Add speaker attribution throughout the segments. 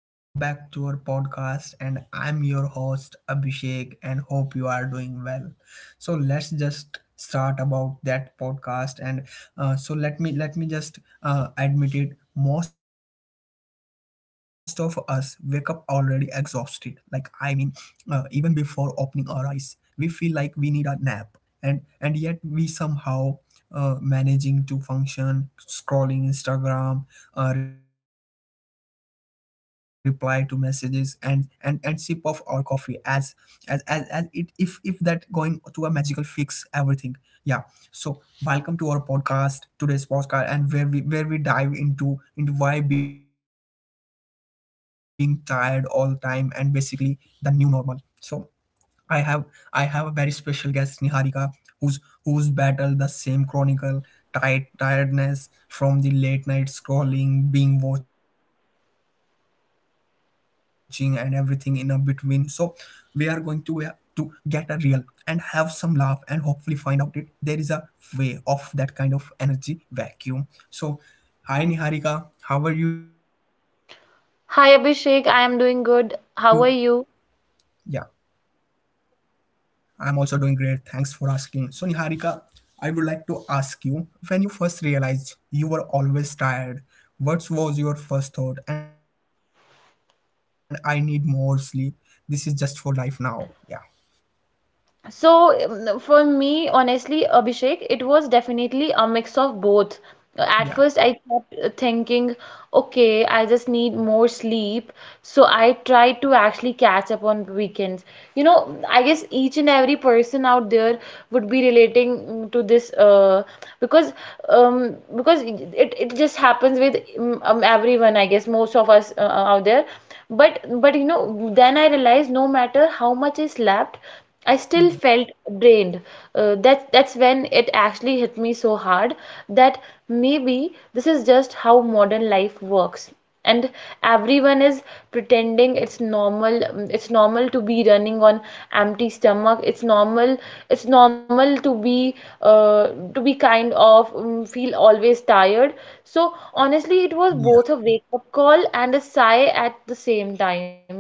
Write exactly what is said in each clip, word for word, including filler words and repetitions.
Speaker 1: welcome back to our podcast, and I'm your host Abhishek, and hope you are doing well. So, let's just start about that podcast, and uh, so let me let me just uh, admit it. Most of us wake up already exhausted. Like I mean, uh, even before opening our eyes, we feel like we need a nap and and yet we somehow uh, managing to function scrolling instagram, uh, reply to messages and and and sip of our coffee as as as, as it if if that going to a magical fix everything yeah so welcome to our podcast, today's podcast, and where we where we dive into into why being tired all the time and basically the new normal. So I have I have a very special guest, Niharika, who's who's battled the same chronicle tired tiredness from the late night scrolling, being watching, and everything in a between. So we are going to uh, to get a real and have some laugh and hopefully find out it there is a way of that kind of energy vacuum. So hi Niharika, how are you? Yeah.
Speaker 2: Hi Abhishek, I am doing good. How are you?
Speaker 1: I'm also doing great. Thanks for asking. So, Niharika, I would like to ask you when you first realized you were always tired, what was your first thought? And I need more sleep. This is just for life now. Yeah.
Speaker 2: So um, for me, honestly, Abhishek, it was definitely a mix of both. At
Speaker 1: Yeah.
Speaker 2: first, I kept uh, thinking, okay, I just need more sleep. So I tried to actually catch up on weekends. You know, I guess each and every person out there would be relating mm, to this uh, because um, because it, it just happens with mm, um, everyone, I guess, most of us uh, out there. But but you know, then I realized no matter how much I slept, I still
Speaker 1: Yeah.
Speaker 2: felt drained. Uh, that that's when it actually hit me so hard that maybe this is just how modern life works. And everyone is pretending it's normal. mm, It's normal to be running on empty stomach. It's normal. It's normal to be uh, to be kind of um, feel always tired. So honestly, it was
Speaker 1: Yeah.
Speaker 2: both a wake up call and a sigh at the same time. You know.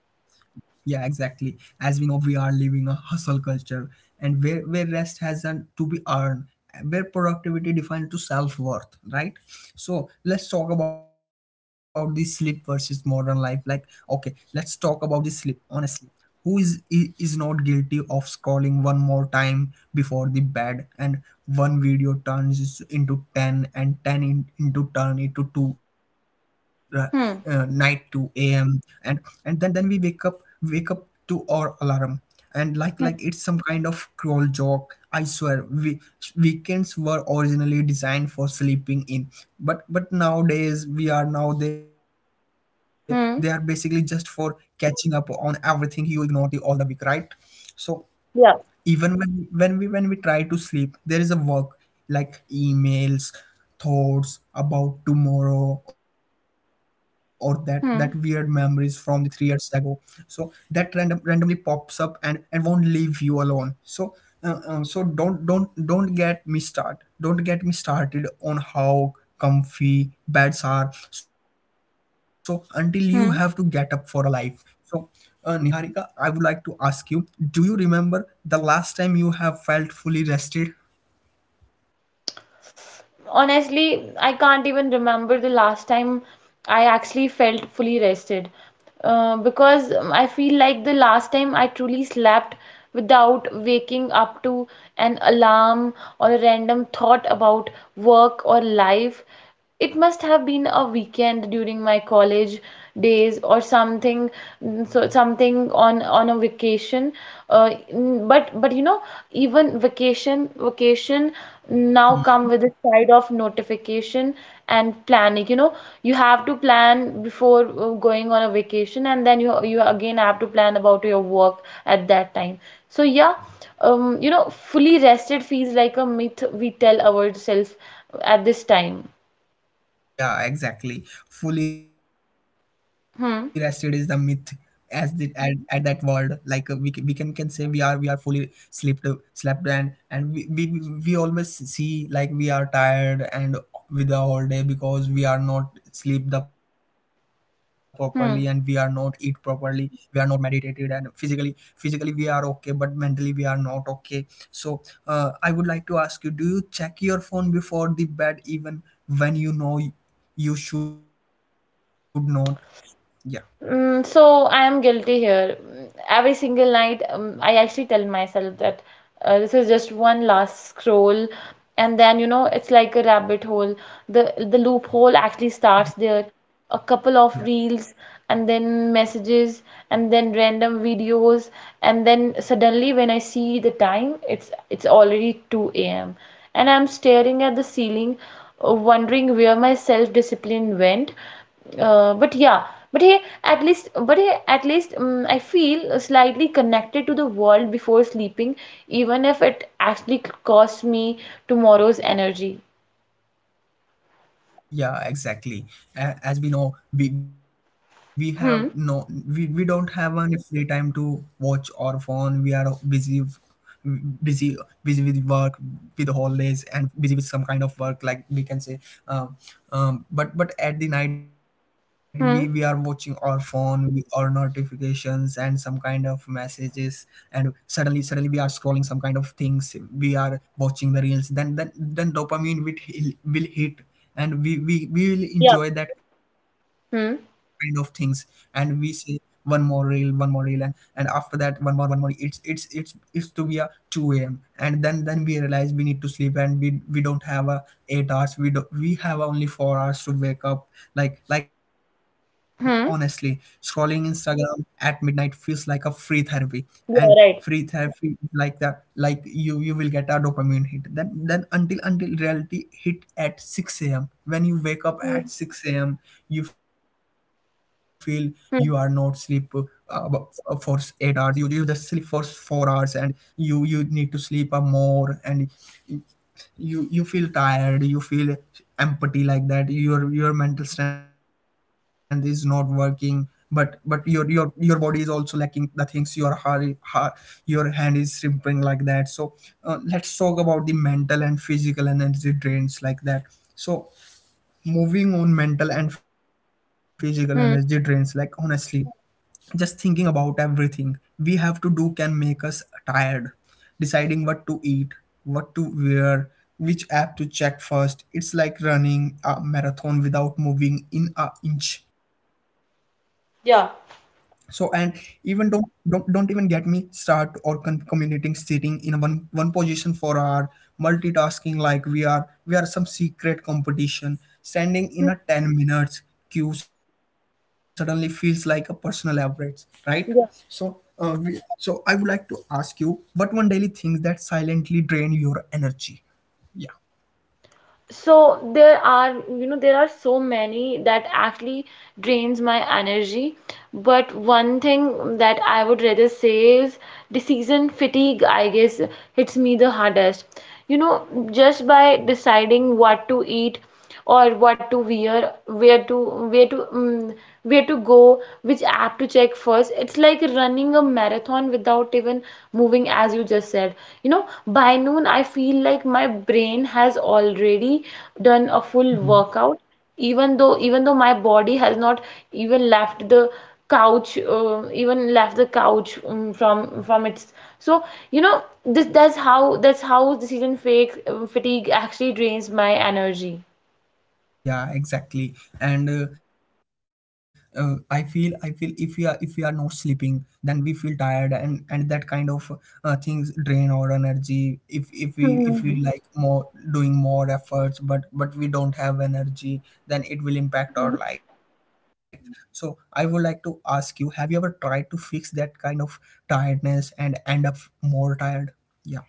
Speaker 1: Yeah, exactly. As we know, we are living a hustle culture, and where where rest has an, to be earned, where productivity defined to self worth, right? So let's talk about the sleep versus modern life. Like, okay, let's talk about the sleep. Honestly, who is, i- is not guilty of scrolling one more time before the bed and one video turns into 10 and 10 in, into turn into two uh, uh, night
Speaker 2: Hmm.
Speaker 1: two a m. and and then then we wake up wake up to our alarm and like
Speaker 2: Hmm.
Speaker 1: like it's some kind of cruel joke. I swear we, weekends were originally designed for sleeping in, but but nowadays we are now they they are basically just for
Speaker 2: Hmm.
Speaker 1: catching up on everything you ignored the all the week, right? So
Speaker 2: Yeah.
Speaker 1: even when when we when we try to sleep there is a work, like emails, thoughts about tomorrow, or that that weird memories
Speaker 2: Hmm.
Speaker 1: from the three years ago. So that random randomly pops up and and won't leave you alone. So uh, uh, so don't don't don't get me start don't get me started on how comfy beds are so until you have to get up
Speaker 2: Hmm.
Speaker 1: for a life. So uh, Niharika, I would like to ask you, do you remember the last time you have felt fully rested?
Speaker 2: Honestly, I can't even remember the last time I actually felt fully rested. Uh, because um, I feel like the last time I truly slept without waking up to an alarm or a random thought about work or life, it must have been a weekend during my college days or something, mm, so something on on a vacation. Uh, mm, but but you know, even vacation vacation now come with a side of notification and planning. You know, you have to plan before uh, going on a vacation, and then you you again have to plan about your work at that time. So yeah, um, you know, fully rested feels like a myth we tell ourselves at this time.
Speaker 1: Yeah, exactly. Fully rested is the myth as
Speaker 2: Hmm.
Speaker 1: the at, at that word, like uh, we ca- we can we can say we are we are fully slept uh, slept and and we, we we always see like we are tired and with the whole day because we are not sleep the properly and we are not eat
Speaker 2: Hmm.
Speaker 1: properly, we are not meditated and physically physically we are okay but mentally we are not okay. So uh, I would like to ask you, do you check your phone before the bed even when you know you should not? Yeah.
Speaker 2: Mm, so I am guilty here. Mm, every single night, um, I actually tell myself that uh, this is just one last scroll, and then you know it's like a rabbit hole. The the loophole actually starts
Speaker 1: Yeah.
Speaker 2: there. A couple of reels, and then messages, and then random videos, and then suddenly when I see the time, it's it's already two a m and I'm staring at the ceiling, uh, wondering where my self-discipline went. Uh, but yeah, but hey, at least, but hey, at least um, I feel slightly connected to the world before sleeping, even if it actually costs me tomorrow's energy.
Speaker 1: Yeah, exactly. A- as we know, we we have no we, we don't
Speaker 2: Hmm.
Speaker 1: have any free time to watch our phone. We are busy f- busy busy with work, with the holidays, and busy with some kind of work, like we can say. um, um but but at the night
Speaker 2: Hmm.
Speaker 1: we we are watching our phone, we, our notifications and some kind of messages. And suddenly suddenly we we are scrolling some kind of things, we are watching the reels. Then then then dopamine will, will hit and we, we we will enjoy that kind of things.
Speaker 2: Hmm.
Speaker 1: And we say one more reel, one more reel, and and after that one more, one more, it's it's it's it's to be a two a.m. And then then we realize we need to sleep and we we don't have a eight hours. We do, we have only four hours to wake up. Like like honestly, scrolling
Speaker 2: Hmm.
Speaker 1: instagram at midnight feels like a free therapy. And
Speaker 2: Yeah,
Speaker 1: free
Speaker 2: right.
Speaker 1: therapy is like the like you you will get a dopamine hit. Then then until until reality hit at six a m when you wake up
Speaker 2: Hmm.
Speaker 1: at six a m, you feel you are not sleep
Speaker 2: Hmm.
Speaker 1: uh, b- for eight hours. You you just sleep for four hours, and you you need to sleep a more. And you you feel tired, you feel empathy like that, your your mental strength is not working. But but your your your body is also lacking the things. Your heart, heart, your hand is shrimping like that. So uh, let's talk about the mental and physical energy drains like that. So moving on mental and physical energy drains, like
Speaker 2: Hmm.
Speaker 1: honestly just thinking about everything we have to do can make us tired. Deciding what to eat, what to wear, which app to check first, it's like running a marathon without moving in a inch. So and
Speaker 2: Yeah.
Speaker 1: even don't don't don't even get me start or con- communicating, sitting in a one one position for our multitasking. Like we are we are some secret competition, standing
Speaker 2: Hmm.
Speaker 1: in a ten minutes queue suddenly feels like a personal average, right? So uh,
Speaker 2: Yeah.
Speaker 1: we, so I would like to ask you, what one daily things that silently drain your energy?
Speaker 2: So there are you know there are so many that actually drains my energy, but one thing that I would rather say is decision fatigue, I guess, hits me the hardest. You know, just by deciding what to eat or what to wear, where to where to Um, where to go, which app to check first. It's like running a marathon without even moving, as you just said. You know, by noon I feel like my brain has already done a full
Speaker 1: Yeah.
Speaker 2: workout, even though even though my body has not even left the couch, uh, even left the couch um, from from its. So you know this that's how that's how decision fake, um, fatigue actually drains my energy.
Speaker 1: Yeah, exactly. And uh, uh, i feel I feel if we are if we are not sleeping, then we feel tired. And and that kind of uh, things drain our energy. If if we if we
Speaker 2: Hmm.
Speaker 1: like more doing more efforts but but we don't have energy, then it will impact
Speaker 2: Hmm.
Speaker 1: our life. So I would like to ask you, have you ever tried to fix that kind of tiredness and end up more tired? Yeah.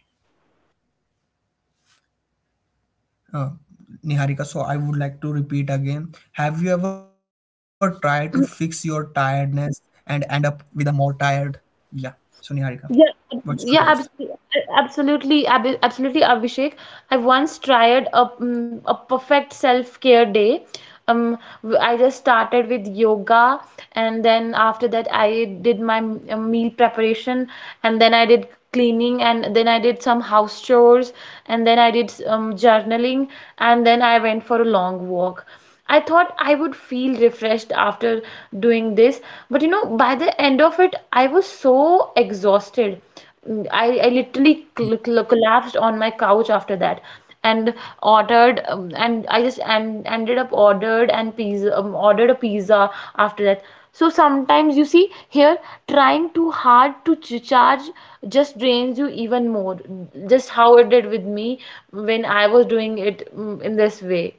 Speaker 1: Uh, Niharika, so I would like to repeat again. Have you ever tried to fix your tiredness and end up with a more tired? Yeah. So, Niharika,
Speaker 2: Yeah, ab-
Speaker 1: what's your
Speaker 2: yeah,
Speaker 1: thoughts?
Speaker 2: absolutely, absolutely, ab- Absolutely, Abhishek. I once tried a mm, a perfect self-care day. Um, w- I just started with yoga, and then after that, I did my m- uh, meal preparation, and then I did cleaning, and then I did some house chores, and then I did um, journaling, and then I went for a long walk. I thought I would feel refreshed after doing this, but you know, by the end of it, I was so exhausted. Mm, I, I literally cl cl collapsed on my couch after that and ordered um, and I just and ended up ordered and pizza um, ordered a pizza after that. So sometimes you see here trying too hard to ch charge just drains you even more. Just how it did with me when I was doing it mm, in this way.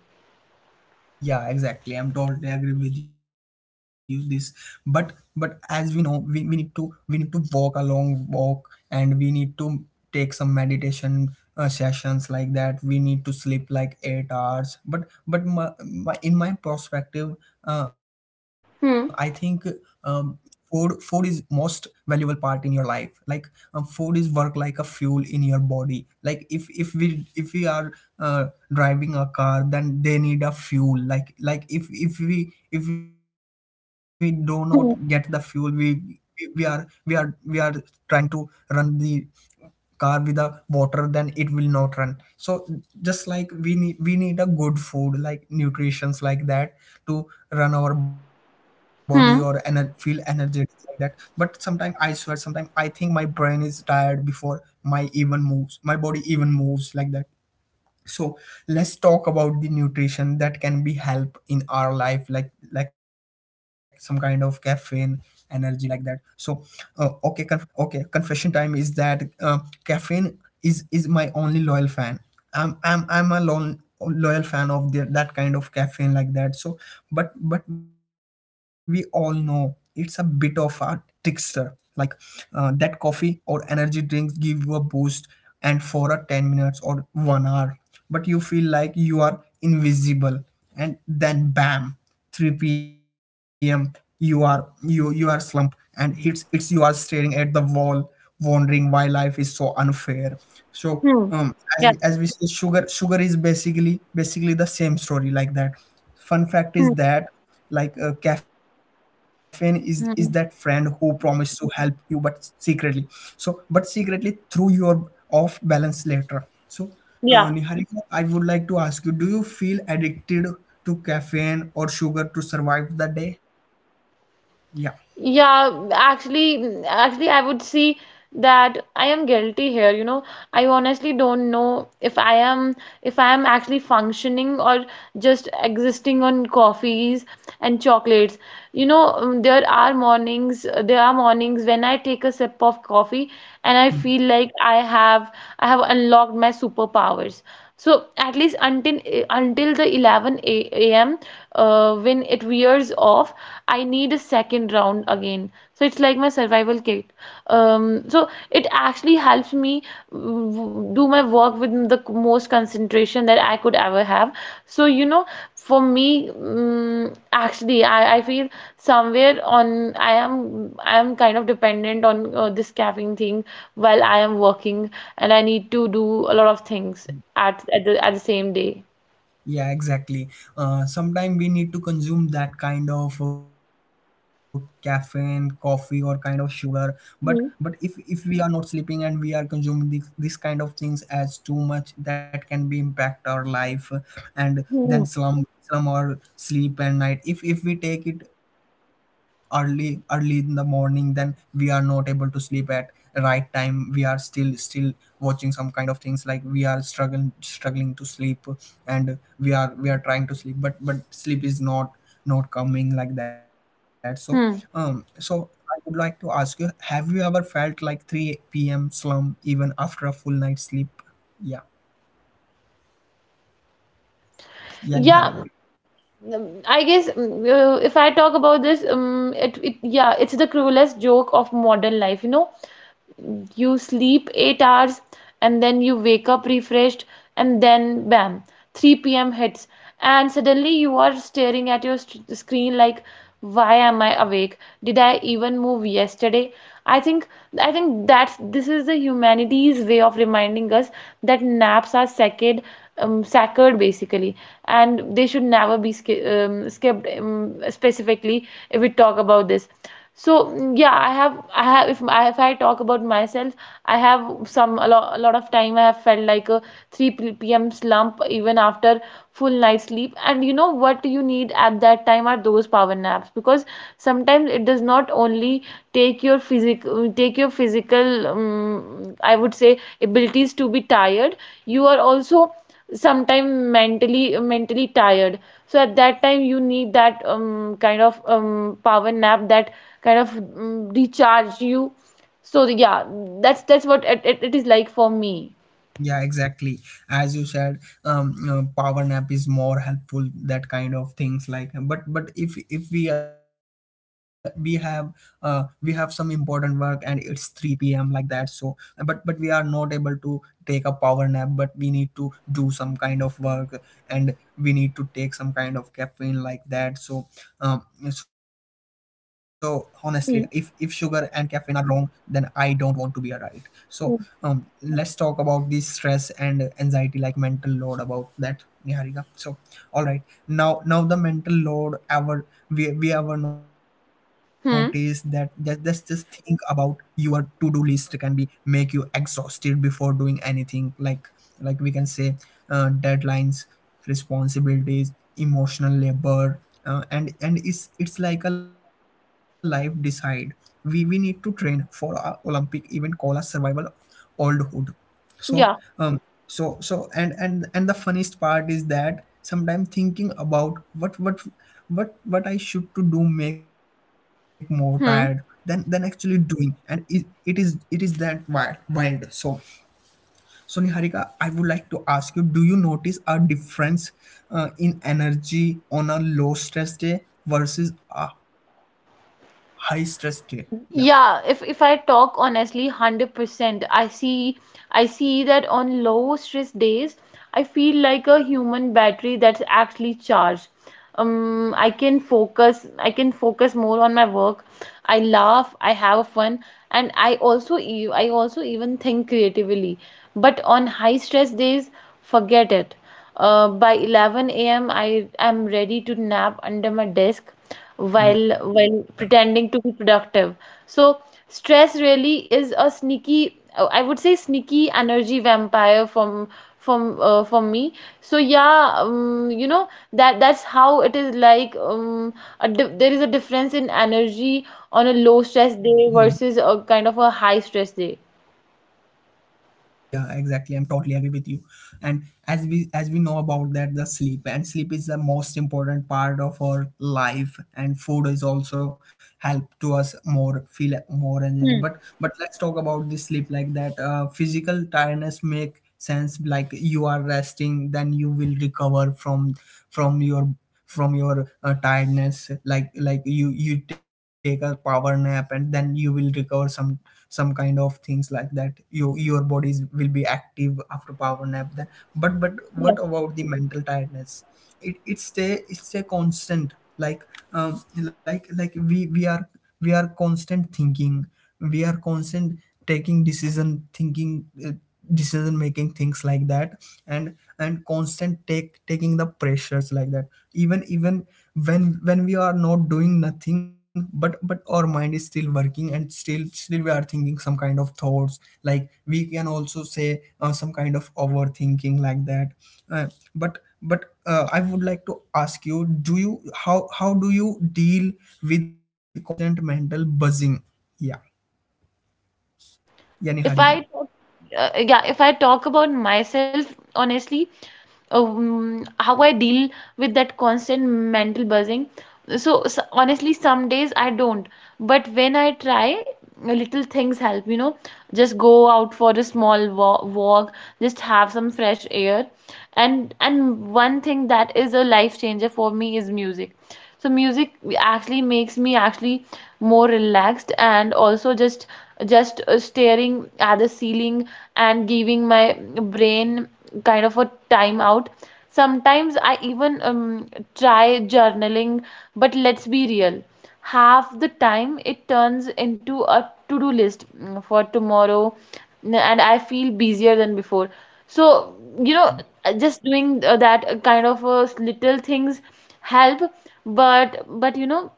Speaker 1: Yeah, exactly. I'm totally agree with you this. But but as we know, we, we need to we need to walk a long walk, and we need to take some meditation uh, sessions like that. We need to sleep like eight hours. But but my, my, in my perspective, uh, I think
Speaker 2: Hmm.
Speaker 1: um, food food is most valuable part in your life. Like uh, food is work like a fuel in your body. Like if if we if we are uh, driving a car, then they need a fuel. Like like if if we if we do not get the fuel, we we are we are we are trying to run the car with the water, then it will not run. So just like we need we need a good food, like nutritions like that, to run our body or ener- feel
Speaker 2: Hmm.
Speaker 1: energetic like that. But sometimes I swear, sometimes I think my brain is tired before my even moves my body even moves like that. So let's talk about the nutrition that can be help in our life, like like some kind of caffeine energy like that. So uh, okay conf- okay, confession time is that uh, caffeine is is my only loyal fan. I'm i'm i'm a lon- loyal fan of the, that kind of caffeine like that. So but but we all know it's a bit of a trickster. Like uh, that coffee or energy drinks give you a boost and for a ten minutes or one hour, but you feel like you are invisible. And then bam, three p m, you are you you are slump and it's it's you are staring at the wall wondering why life is so unfair. So
Speaker 2: Hmm.
Speaker 1: um as
Speaker 2: Yeah.
Speaker 1: we, as we say, sugar sugar is basically basically the same story like that. Fun fact
Speaker 2: Hmm.
Speaker 1: is that, like uh, caffeine is is that friend who
Speaker 2: Hmm.
Speaker 1: promised to help you but secretly, so but secretly through your off balance later. So uh,
Speaker 2: Yeah.
Speaker 1: Niharika, I would like to ask you, do you feel addicted to caffeine or sugar to survive the day? Yeah.
Speaker 2: Yeah, actually, mm, actually, I would see that I am guilty here. You know, I honestly don't know if I am if I am actually functioning or just existing on coffees and chocolates. You know, um, there are mornings, there are mornings when I take a sip of coffee and I
Speaker 1: Hmm.
Speaker 2: feel like I have I have unlocked my superpowers. So at least until until the eleven a m uh, when it wears off, I need a second round again. So it's like my survival kit. Um, so it actually helps me w- do my work with the most concentration that I could ever have. So you know, for me mm, actually I, I feel somewhere on I am I am kind of dependent on uh, this caffeine thing while I am working and I need to do a lot of things at at the, at the same day.
Speaker 1: Yeah, exactly. Uh, Sometimes we need to consume that kind of uh, caffeine, coffee, or kind of sugar. But but if if we are not sleeping and we are consuming this, this kind of things as too much, that can be impact our life, and then
Speaker 2: Hmm.
Speaker 1: slum slum or sleep at night. If if we take it early early in the morning, then we are not able to sleep at right time. We are still still watching some kind of things like we are struggling struggling to sleep, and we are we are trying to sleep but but sleep is not not coming like that. so um
Speaker 2: Hmm.
Speaker 1: so I would like to ask you, have you ever felt like three p m slump even after a full night sleep? Yeah. Yeah,
Speaker 2: Yeah,
Speaker 1: niharika.
Speaker 2: mm, I guess mm, uh, if I talk about this, um, it, it, yeah, it's the cruelest joke of modern life, you know. You sleep eight hours and then you wake up refreshed, and then bam, three p m hits and suddenly you are staring at your st- screen like why am I awake? Did I even move yesterday? I think I think that's this is the humanity's way of reminding us that naps are sacred, um, sacred basically, and they should never be sk- um, skipped, um, specifically if we talk about this. So mm, yeah I have I have if, I- if I talk about myself, I have some a lot, a lot of time I have felt like a three p.m slump even after full night sleep, and you know what you need at that time are those power naps, because sometimes
Speaker 1: Yeah.
Speaker 2: it does not only take your physical take your physical um, I would say abilities to be tired. You are also sometime mentally mentally tired, so at that time you need that um, kind of um, power nap that kind of um, recharge you. So yeah, that's that's what it, it, it is like for me.
Speaker 1: Yeah, exactly. As you said, um, uh, power nap is more helpful. That kind of things like, but but if if we we have uh we have some important work and it's three p m like that. So, but but we are not able to take a power nap. But we need to do some kind of work, and we need to take some kind of caffeine like that. So, um, so honestly, if if sugar and
Speaker 2: Mm,
Speaker 1: caffeine are wrong, then I don't want to be right. So,
Speaker 2: mm.
Speaker 1: um let's talk about the stress and anxiety like mental load about that, niharika. So all right, now now the mental load, ever we, we ever notice that? just, just
Speaker 2: Hmm.
Speaker 1: just think about your to-do list can be make you exhausted before doing anything, like like we can say uh, deadlines, responsibilities, emotional labor, uh, and and it's it's like a life decide. We we need to train for a olympic event called a survival old hood. so
Speaker 2: Yeah.
Speaker 1: um so so and and and the funniest part is that sometimes thinking about what what what what I should to do make more tired than than
Speaker 2: Hmm.
Speaker 1: actually doing and is it is it is that wild wild. So, so niharika, I would like to ask you, do you notice a difference uh, in energy on a low stress day versus a high stress day? Yeah.
Speaker 2: Yeah, if if I talk honestly, one hundred percent, I see I see that on low stress days, I feel like a human battery that's actually charged. Um, I can focus, I can focus more on my work. I laugh, I have fun, and I also e- I also even think creatively. But on high stress days, forget it. Uh, by eleven a m, I am ready to nap under my desk
Speaker 1: Yeah.
Speaker 2: while while pretending to be productive. So stress really is a sneaky, uh, I would say sneaky energy vampire from from uh, from me. So yeah, um, you know, that that's how it is like. Um, a di There is a difference in energy on a low
Speaker 1: Hmm.
Speaker 2: stress day versus a kind of a high stress day.
Speaker 1: Yeah, exactly. I'm totally agree with you. And as we as we know about that, the sleep and sleep is the most important part of our life, and food is also help to us more feel more energy.
Speaker 2: Hmm.
Speaker 1: But but let's talk about the sleep like that. Uh, physical tiredness make sense like you are resting, then you will recover from from your from your uh, tiredness, like like you you take a power nap and then you will recover some some kind of things like that. You your bodies will be active after power nap then, but but what about the mental tiredness? It it's a it's a constant. Like, um like like we we are we are constant thinking, we are constant taking decision thinking, uh, decision making things like that, and and constant take taking the pressures like that. Even even when when we are not doing nothing, but but our mind is still working and still still we are thinking some kind of thoughts, like we can also say uh, some kind of overthinking like that. Uh, but but uh, I would like to ask you, do you how how do you deal with constant mental buzzing? Yeah. Yani
Speaker 2: If I
Speaker 1: harika.
Speaker 2: talk, uh, yeah, if I talk about myself, honestly, um, how I deal with that constant mental buzzing. So, s honestly, some days I don't, but when I try, little things help, you know. Just go out for a small wa walk, just have some fresh air. And and one thing that is a life changer for me is music. So music actually makes me actually more relaxed, and also just just uh, staring at the ceiling and giving my brain kind of a time out. Sometimes I even um, try journaling, but let's be real, half the time it turns into a to-do list mm, for tomorrow, and I feel busier than before. So, you know, uh, just doing uh, that uh, kind of uh, little things help, but but you know,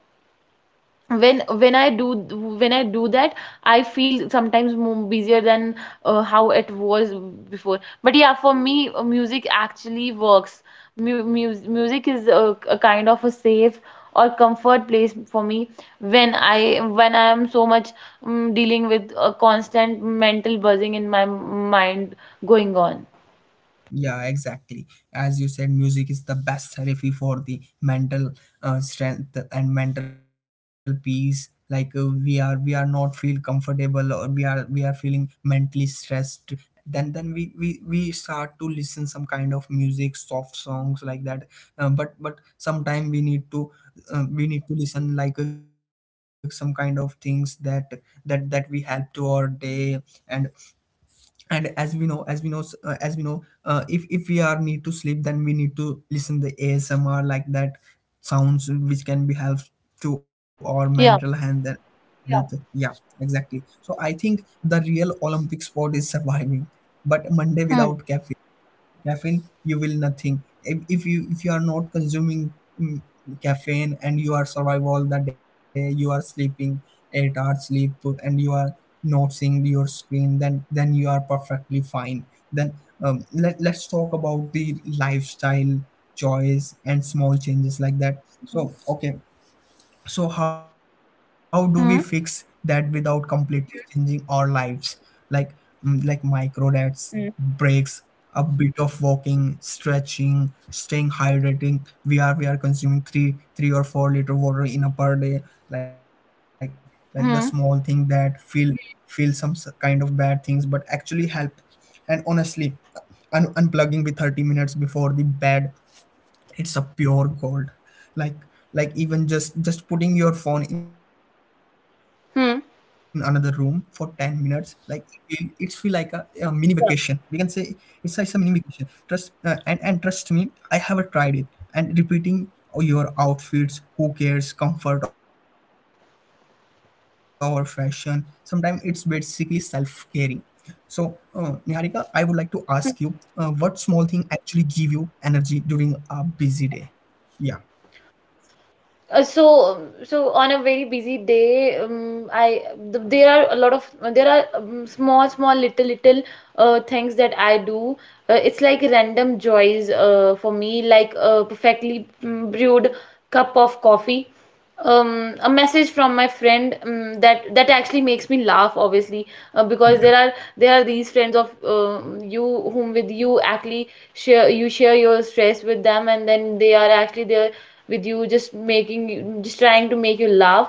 Speaker 2: when when I do when i do that, I feel sometimes more busier than uh, how it was before. But yeah, for me, uh, music actually works. Mu mus- music is a, a kind of a safe or comfort place for me when i when I am so much um, dealing with a constant mental buzzing in my mind going on.
Speaker 1: Yeah, exactly. As you said, music is the best therapy for the mental uh, strength and mental peace. Like uh, we are, we are not feel comfortable, or we are, we are feeling mentally stressed. Then, then we, we, we start to listen some kind of music, soft songs like that. Um, but, but sometime we need to, uh, we need to listen like uh, some kind of things that, that, that we help to our day, and and as we know as we know uh, as we know uh, if if we are need to sleep, then we need to listen the asmr like that sounds which can be help to our mental
Speaker 2: Yeah.
Speaker 1: health. And Yeah. Yeah, exactly. So I think the real olympic sport is surviving but monday
Speaker 2: Hmm.
Speaker 1: without caffeine. Caffeine, you will nothing. If, if you if you are not consuming mm, caffeine and you are survive all the day, you are sleeping eight hours sleep, and you are not seeing your screen, then then you are perfectly fine. Then um, let, let's talk about the lifestyle choice and small changes like that. So okay, so how do
Speaker 2: Hmm.
Speaker 1: we fix that without completely changing our lives? Like mm, like micro
Speaker 2: Mm.
Speaker 1: diets, breaks, a bit of walking, stretching, staying hydrating. We are we are consuming three three or four liter water in a per day. like
Speaker 2: Hmm.
Speaker 1: like the small thing that feel feel some s- kind of bad things but actually help. And honestly, un- unplugging with thirty minutes before the bed, it's a pure gold. like like even just just putting your phone in another room for ten minutes,
Speaker 2: Hmm.
Speaker 1: like it feel, it's feel like a, a mini vacation, we can say. It's a, it's a mini vacation. Trust uh, and and trust me, I have uh, tried it. And repeating your outfits, who cares? Comfort over fashion sometimes. It's basically self-caring. So, uh, Niharika, I would like to ask you, uh, what small thing actually give you energy during a busy day? Yeah,
Speaker 2: Uh, so, so on a very busy day, um, I th there are a lot of there are um, small, small, little, little uh, things that I do. Uh, it's like random joys uh, for me, like a perfectly mm, brewed cup of coffee, um, a message from my friend um, that that actually makes me laugh obviously uh, because there
Speaker 1: yeah,
Speaker 2: are there are these friends of uh you whom with you actually share, you share your stress with them, and then they are actually there with you just making you, just trying to make you laugh.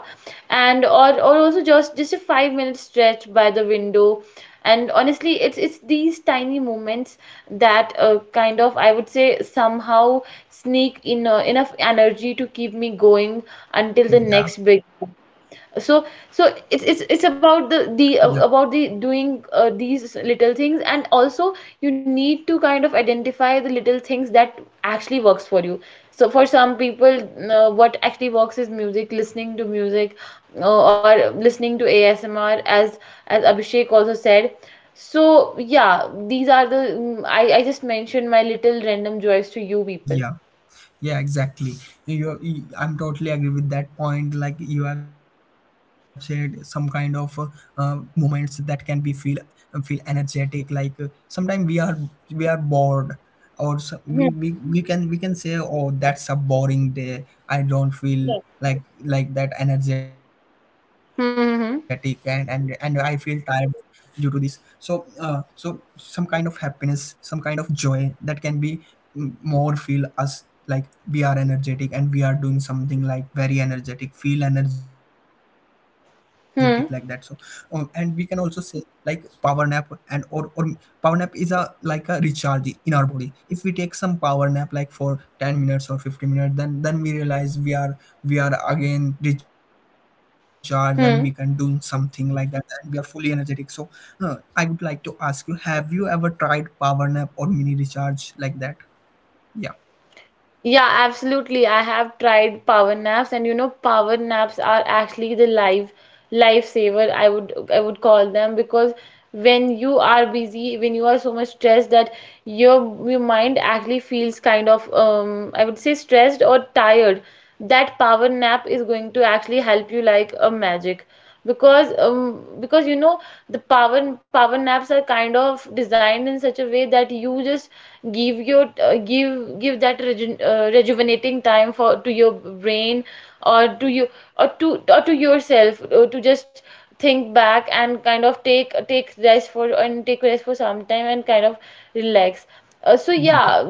Speaker 2: And or or also just just a five minute stretch by the window. And honestly, it's it's these tiny moments that uh, kind of, I would say, somehow sneak in uh, enough energy to keep me going until the
Speaker 1: yeah,
Speaker 2: next big. so
Speaker 1: yeah,
Speaker 2: so it's it's it's about the the uh, about the doing uh, these little things. And also you need to kind of identify the little things that actually works for you. So for some people, uh, what actually works is music, listening to music, uh, or listening to A S M R, as as Abhishek also said. So yeah, these are the mm, I I just mentioned my little random joys to you people.
Speaker 1: yeah. Yeah, exactly. You, I'm totally agree with that point. Like you have said, some kind of uh, uh, moments that can be feel feel energetic. Like uh, sometimes we are we are bored, or so, we, we we can we can say, oh, that's a boring day. I don't feel like like that energetic, and and and I feel
Speaker 2: Hmm.
Speaker 1: tired due to this. So uh, so some kind of happiness, some kind of joy that can be m- more feel us like we are energetic and we are doing something like very energetic, feel energetic, like that. So um, and we
Speaker 2: Hmm.
Speaker 1: can
Speaker 2: Hmm.
Speaker 1: also say like power nap and or or power nap is a like a recharge in our body. If we take some power nap like for ten minutes or fifteen minutes, then then we realize we are we are again recharged, and we can do something
Speaker 2: Hmm.
Speaker 1: like that, and we are fully energetic. So uh, I would like to ask you, have you ever tried power nap or mini recharge like that? Yeah.
Speaker 2: Yeah, absolutely. I have tried power naps, and you know, power naps are actually the life, lifesaver, I would, I would call them, because when you are busy, when you are so much stressed that your your mind actually feels kind of, um, I would say, stressed or tired, that power nap is going to actually help you like a magic. Because um, because you know, the power power naps are kind of designed in such a way that you just give your uh, give give that reju- uh, rejuvenating time for, to your brain, or to you, or to or to yourself, uh, to just think back and kind of take take rest for, and take rest for some time, and kind of relax. Uh, so yeah,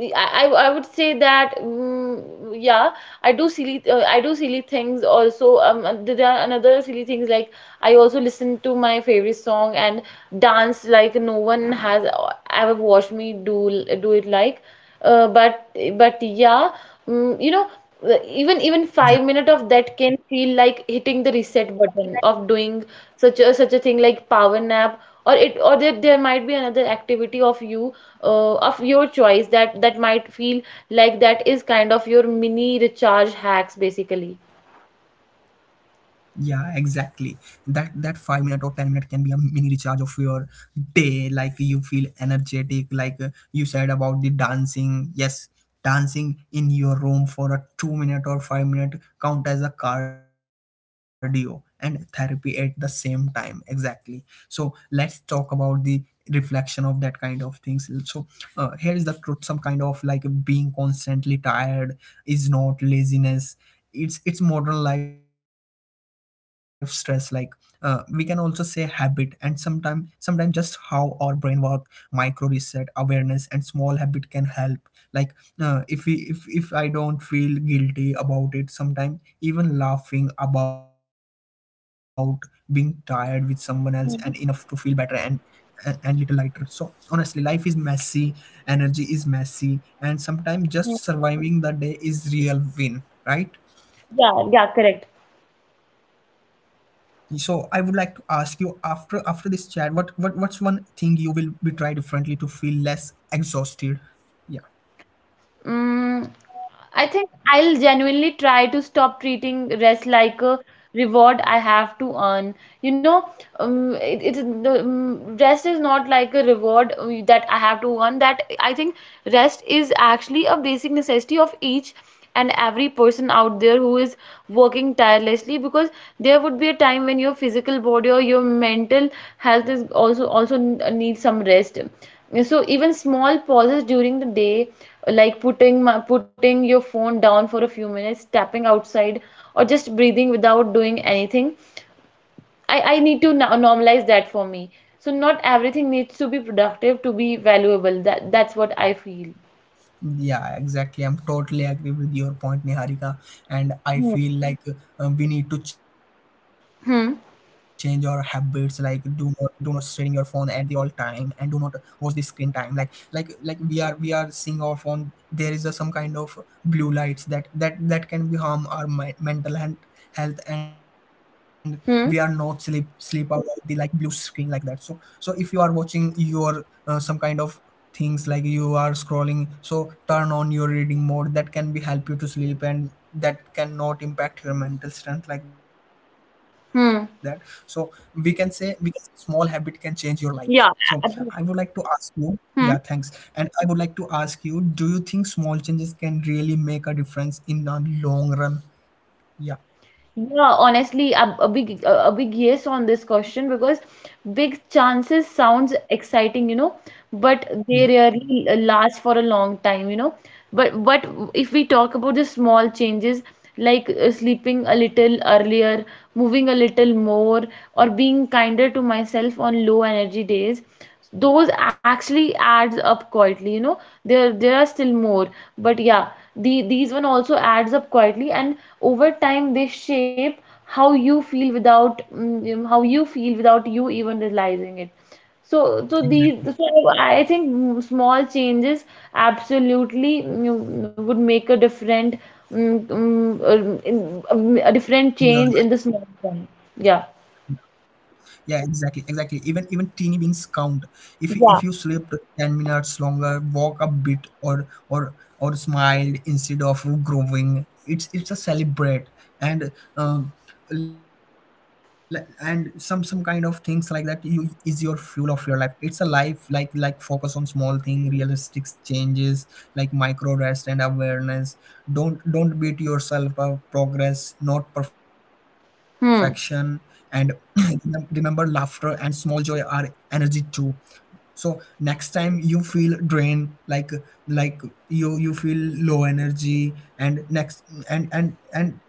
Speaker 2: I, I I would say that, mm, yeah, I do silly, uh, I do silly things also. Um and there are another silly things, like I also listen to my favorite song and dance like no one has uh, ever watched me do do it, like, uh, but but yeah. Mm, you know, uh, even even
Speaker 1: Yeah.
Speaker 2: five minutes of that can feel like hitting the reset button of doing such a such a thing like power nap. Or it, or there, there might be another activity of you, uh, of your choice, that that might feel like that is kind of your mini recharge hacks basically.
Speaker 1: Yeah, exactly. That that five minute or ten minute can be a mini recharge of your day. Like you feel energetic, like uh, you said about the dancing. Yes, dancing in your room for a two minute or five minute count as a cardio and therapy at the same time. Exactly. So let's talk about the reflection of that kind of things. So uh, here is the truth. Some kind of like being constantly tired is not laziness. It's it's modern life stress. Like uh, we can also say habit, and sometimes sometimes just how our brain work. Micro reset, awareness, and small habit can help. Like uh, if we if if I don't feel guilty about it, sometimes even laughing about being tired with someone else and enough to feel better, and
Speaker 2: Mhm.
Speaker 1: and, and little lighter. So honestly, life is messy, energy is messy, and sometimes just surviving the day is real win, right?
Speaker 2: Yeah, yeah, correct.
Speaker 1: So I would like to ask you, after after this chat, what what what's one thing you will be try differently to feel less exhausted? Yeah.
Speaker 2: mm, I think I'll genuinely try to stop treating rest like a reward I have to earn. You know, um, it, it's the, um, rest is not like a reward uh, that I have to earn. That I think rest is actually a basic necessity of each and every person out there who is working tirelessly, because there would be a time when your physical body or your mental health is also also needs some rest. So even small pauses during the day, like putting putting your phone down for a few minutes, stepping outside, or just breathing without doing anything. I, I need to no- normalize that for me. So not everything needs to be productive to be valuable. That that's what I feel.
Speaker 1: Yeah, exactly. I'm totally agree with your point, Niharika. And I feel like uh, we need to change our habits. Like,
Speaker 2: Hmm.
Speaker 1: do not do not staring your phone at the all time, and do not watch the screen time. Like, like, like we are we are seeing our phone. There is a, some kind of blue lights that that that can be harm our mi- mental health health, and we are not sleep
Speaker 2: Hmm.
Speaker 1: sleep about the like blue screen like that. So so if you are watching your uh, some kind of things like you are scrolling, so turn on your reading mode. That can be help you to sleep, and that cannot impact your mental strength like that. So we can say
Speaker 2: Hmm.
Speaker 1: we can, small habit can change your life. So I would
Speaker 2: Yeah.
Speaker 1: like to ask
Speaker 2: ab-
Speaker 1: you. Yeah, thanks.
Speaker 2: Hmm.
Speaker 1: And I would like to ask you, do you think small changes can really make a difference in the long run? Yeah.
Speaker 2: Yeah, honestly, a, a big a, a big yes on this question, because big chances sounds exciting, you know, but
Speaker 1: Yeah,
Speaker 2: they rarely last for a long time, you know. But but if we talk about the small changes, like uh, sleeping a little earlier, moving a little more, or being kinder to myself on low energy days, those actually adds up quietly, you know. There there are still more, but yeah. The, these one also adds up quietly, and over time they shape how you feel without, mm, how you feel without you even realizing it. So, so these,
Speaker 1: exactly.
Speaker 2: so I think, mm, small changes absolutely mm, would make a different, mm, mm, uh, in- um, a different
Speaker 1: In your
Speaker 2: change in the small
Speaker 1: life.
Speaker 2: one. Yeah.
Speaker 1: Yeah, exactly, exactly. Even even teeny wins count. if if you
Speaker 2: Yeah.
Speaker 1: slept ten minutes longer, walk a bit, or or or smiled instead of growing, it's it's a celebrate. And um l- and some some kind of things like that, you is your fuel of your life. It's a life like like focus on small thing, realistic changes, like micro rest and awareness. Don't don't beat yourself up. Progress not perfection. And
Speaker 2: Hmm.
Speaker 1: remember, laughter and small joy are energy too. So next time you feel drained, like like you you feel low energy, and next and and and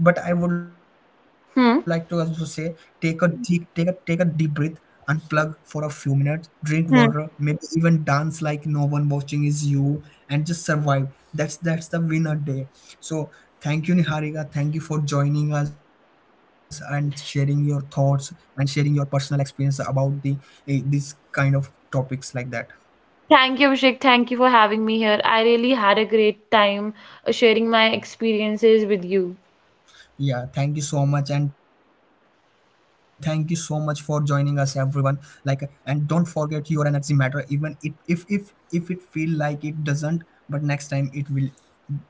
Speaker 1: but I would like to also say,
Speaker 2: Hmm.
Speaker 1: take a deep take a take a deep breath, unplug for a few minutes, drink water,
Speaker 2: Hmm.
Speaker 1: maybe even dance like no one watching is you. And just survive. that's that's the winner day. So thank you, niharika. Thank you for joining us and sharing your thoughts and sharing your personal experience about the eh, this kind of topics like that.
Speaker 2: Thank you, Abhishek. Thank you for having me here. I really had a great time uh, sharing my experiences with you.
Speaker 1: Yeah, thank you so much. And thank you so much for joining us, everyone. Like, and don't forget your energy matter, even it if if if it feel like it doesn't, but next time it will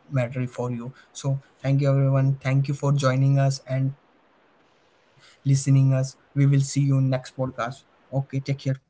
Speaker 1: matter for you. So thank you, everyone. Thank you for joining us and listening us. We will see you in next podcast. Okay, take care. Bye bye.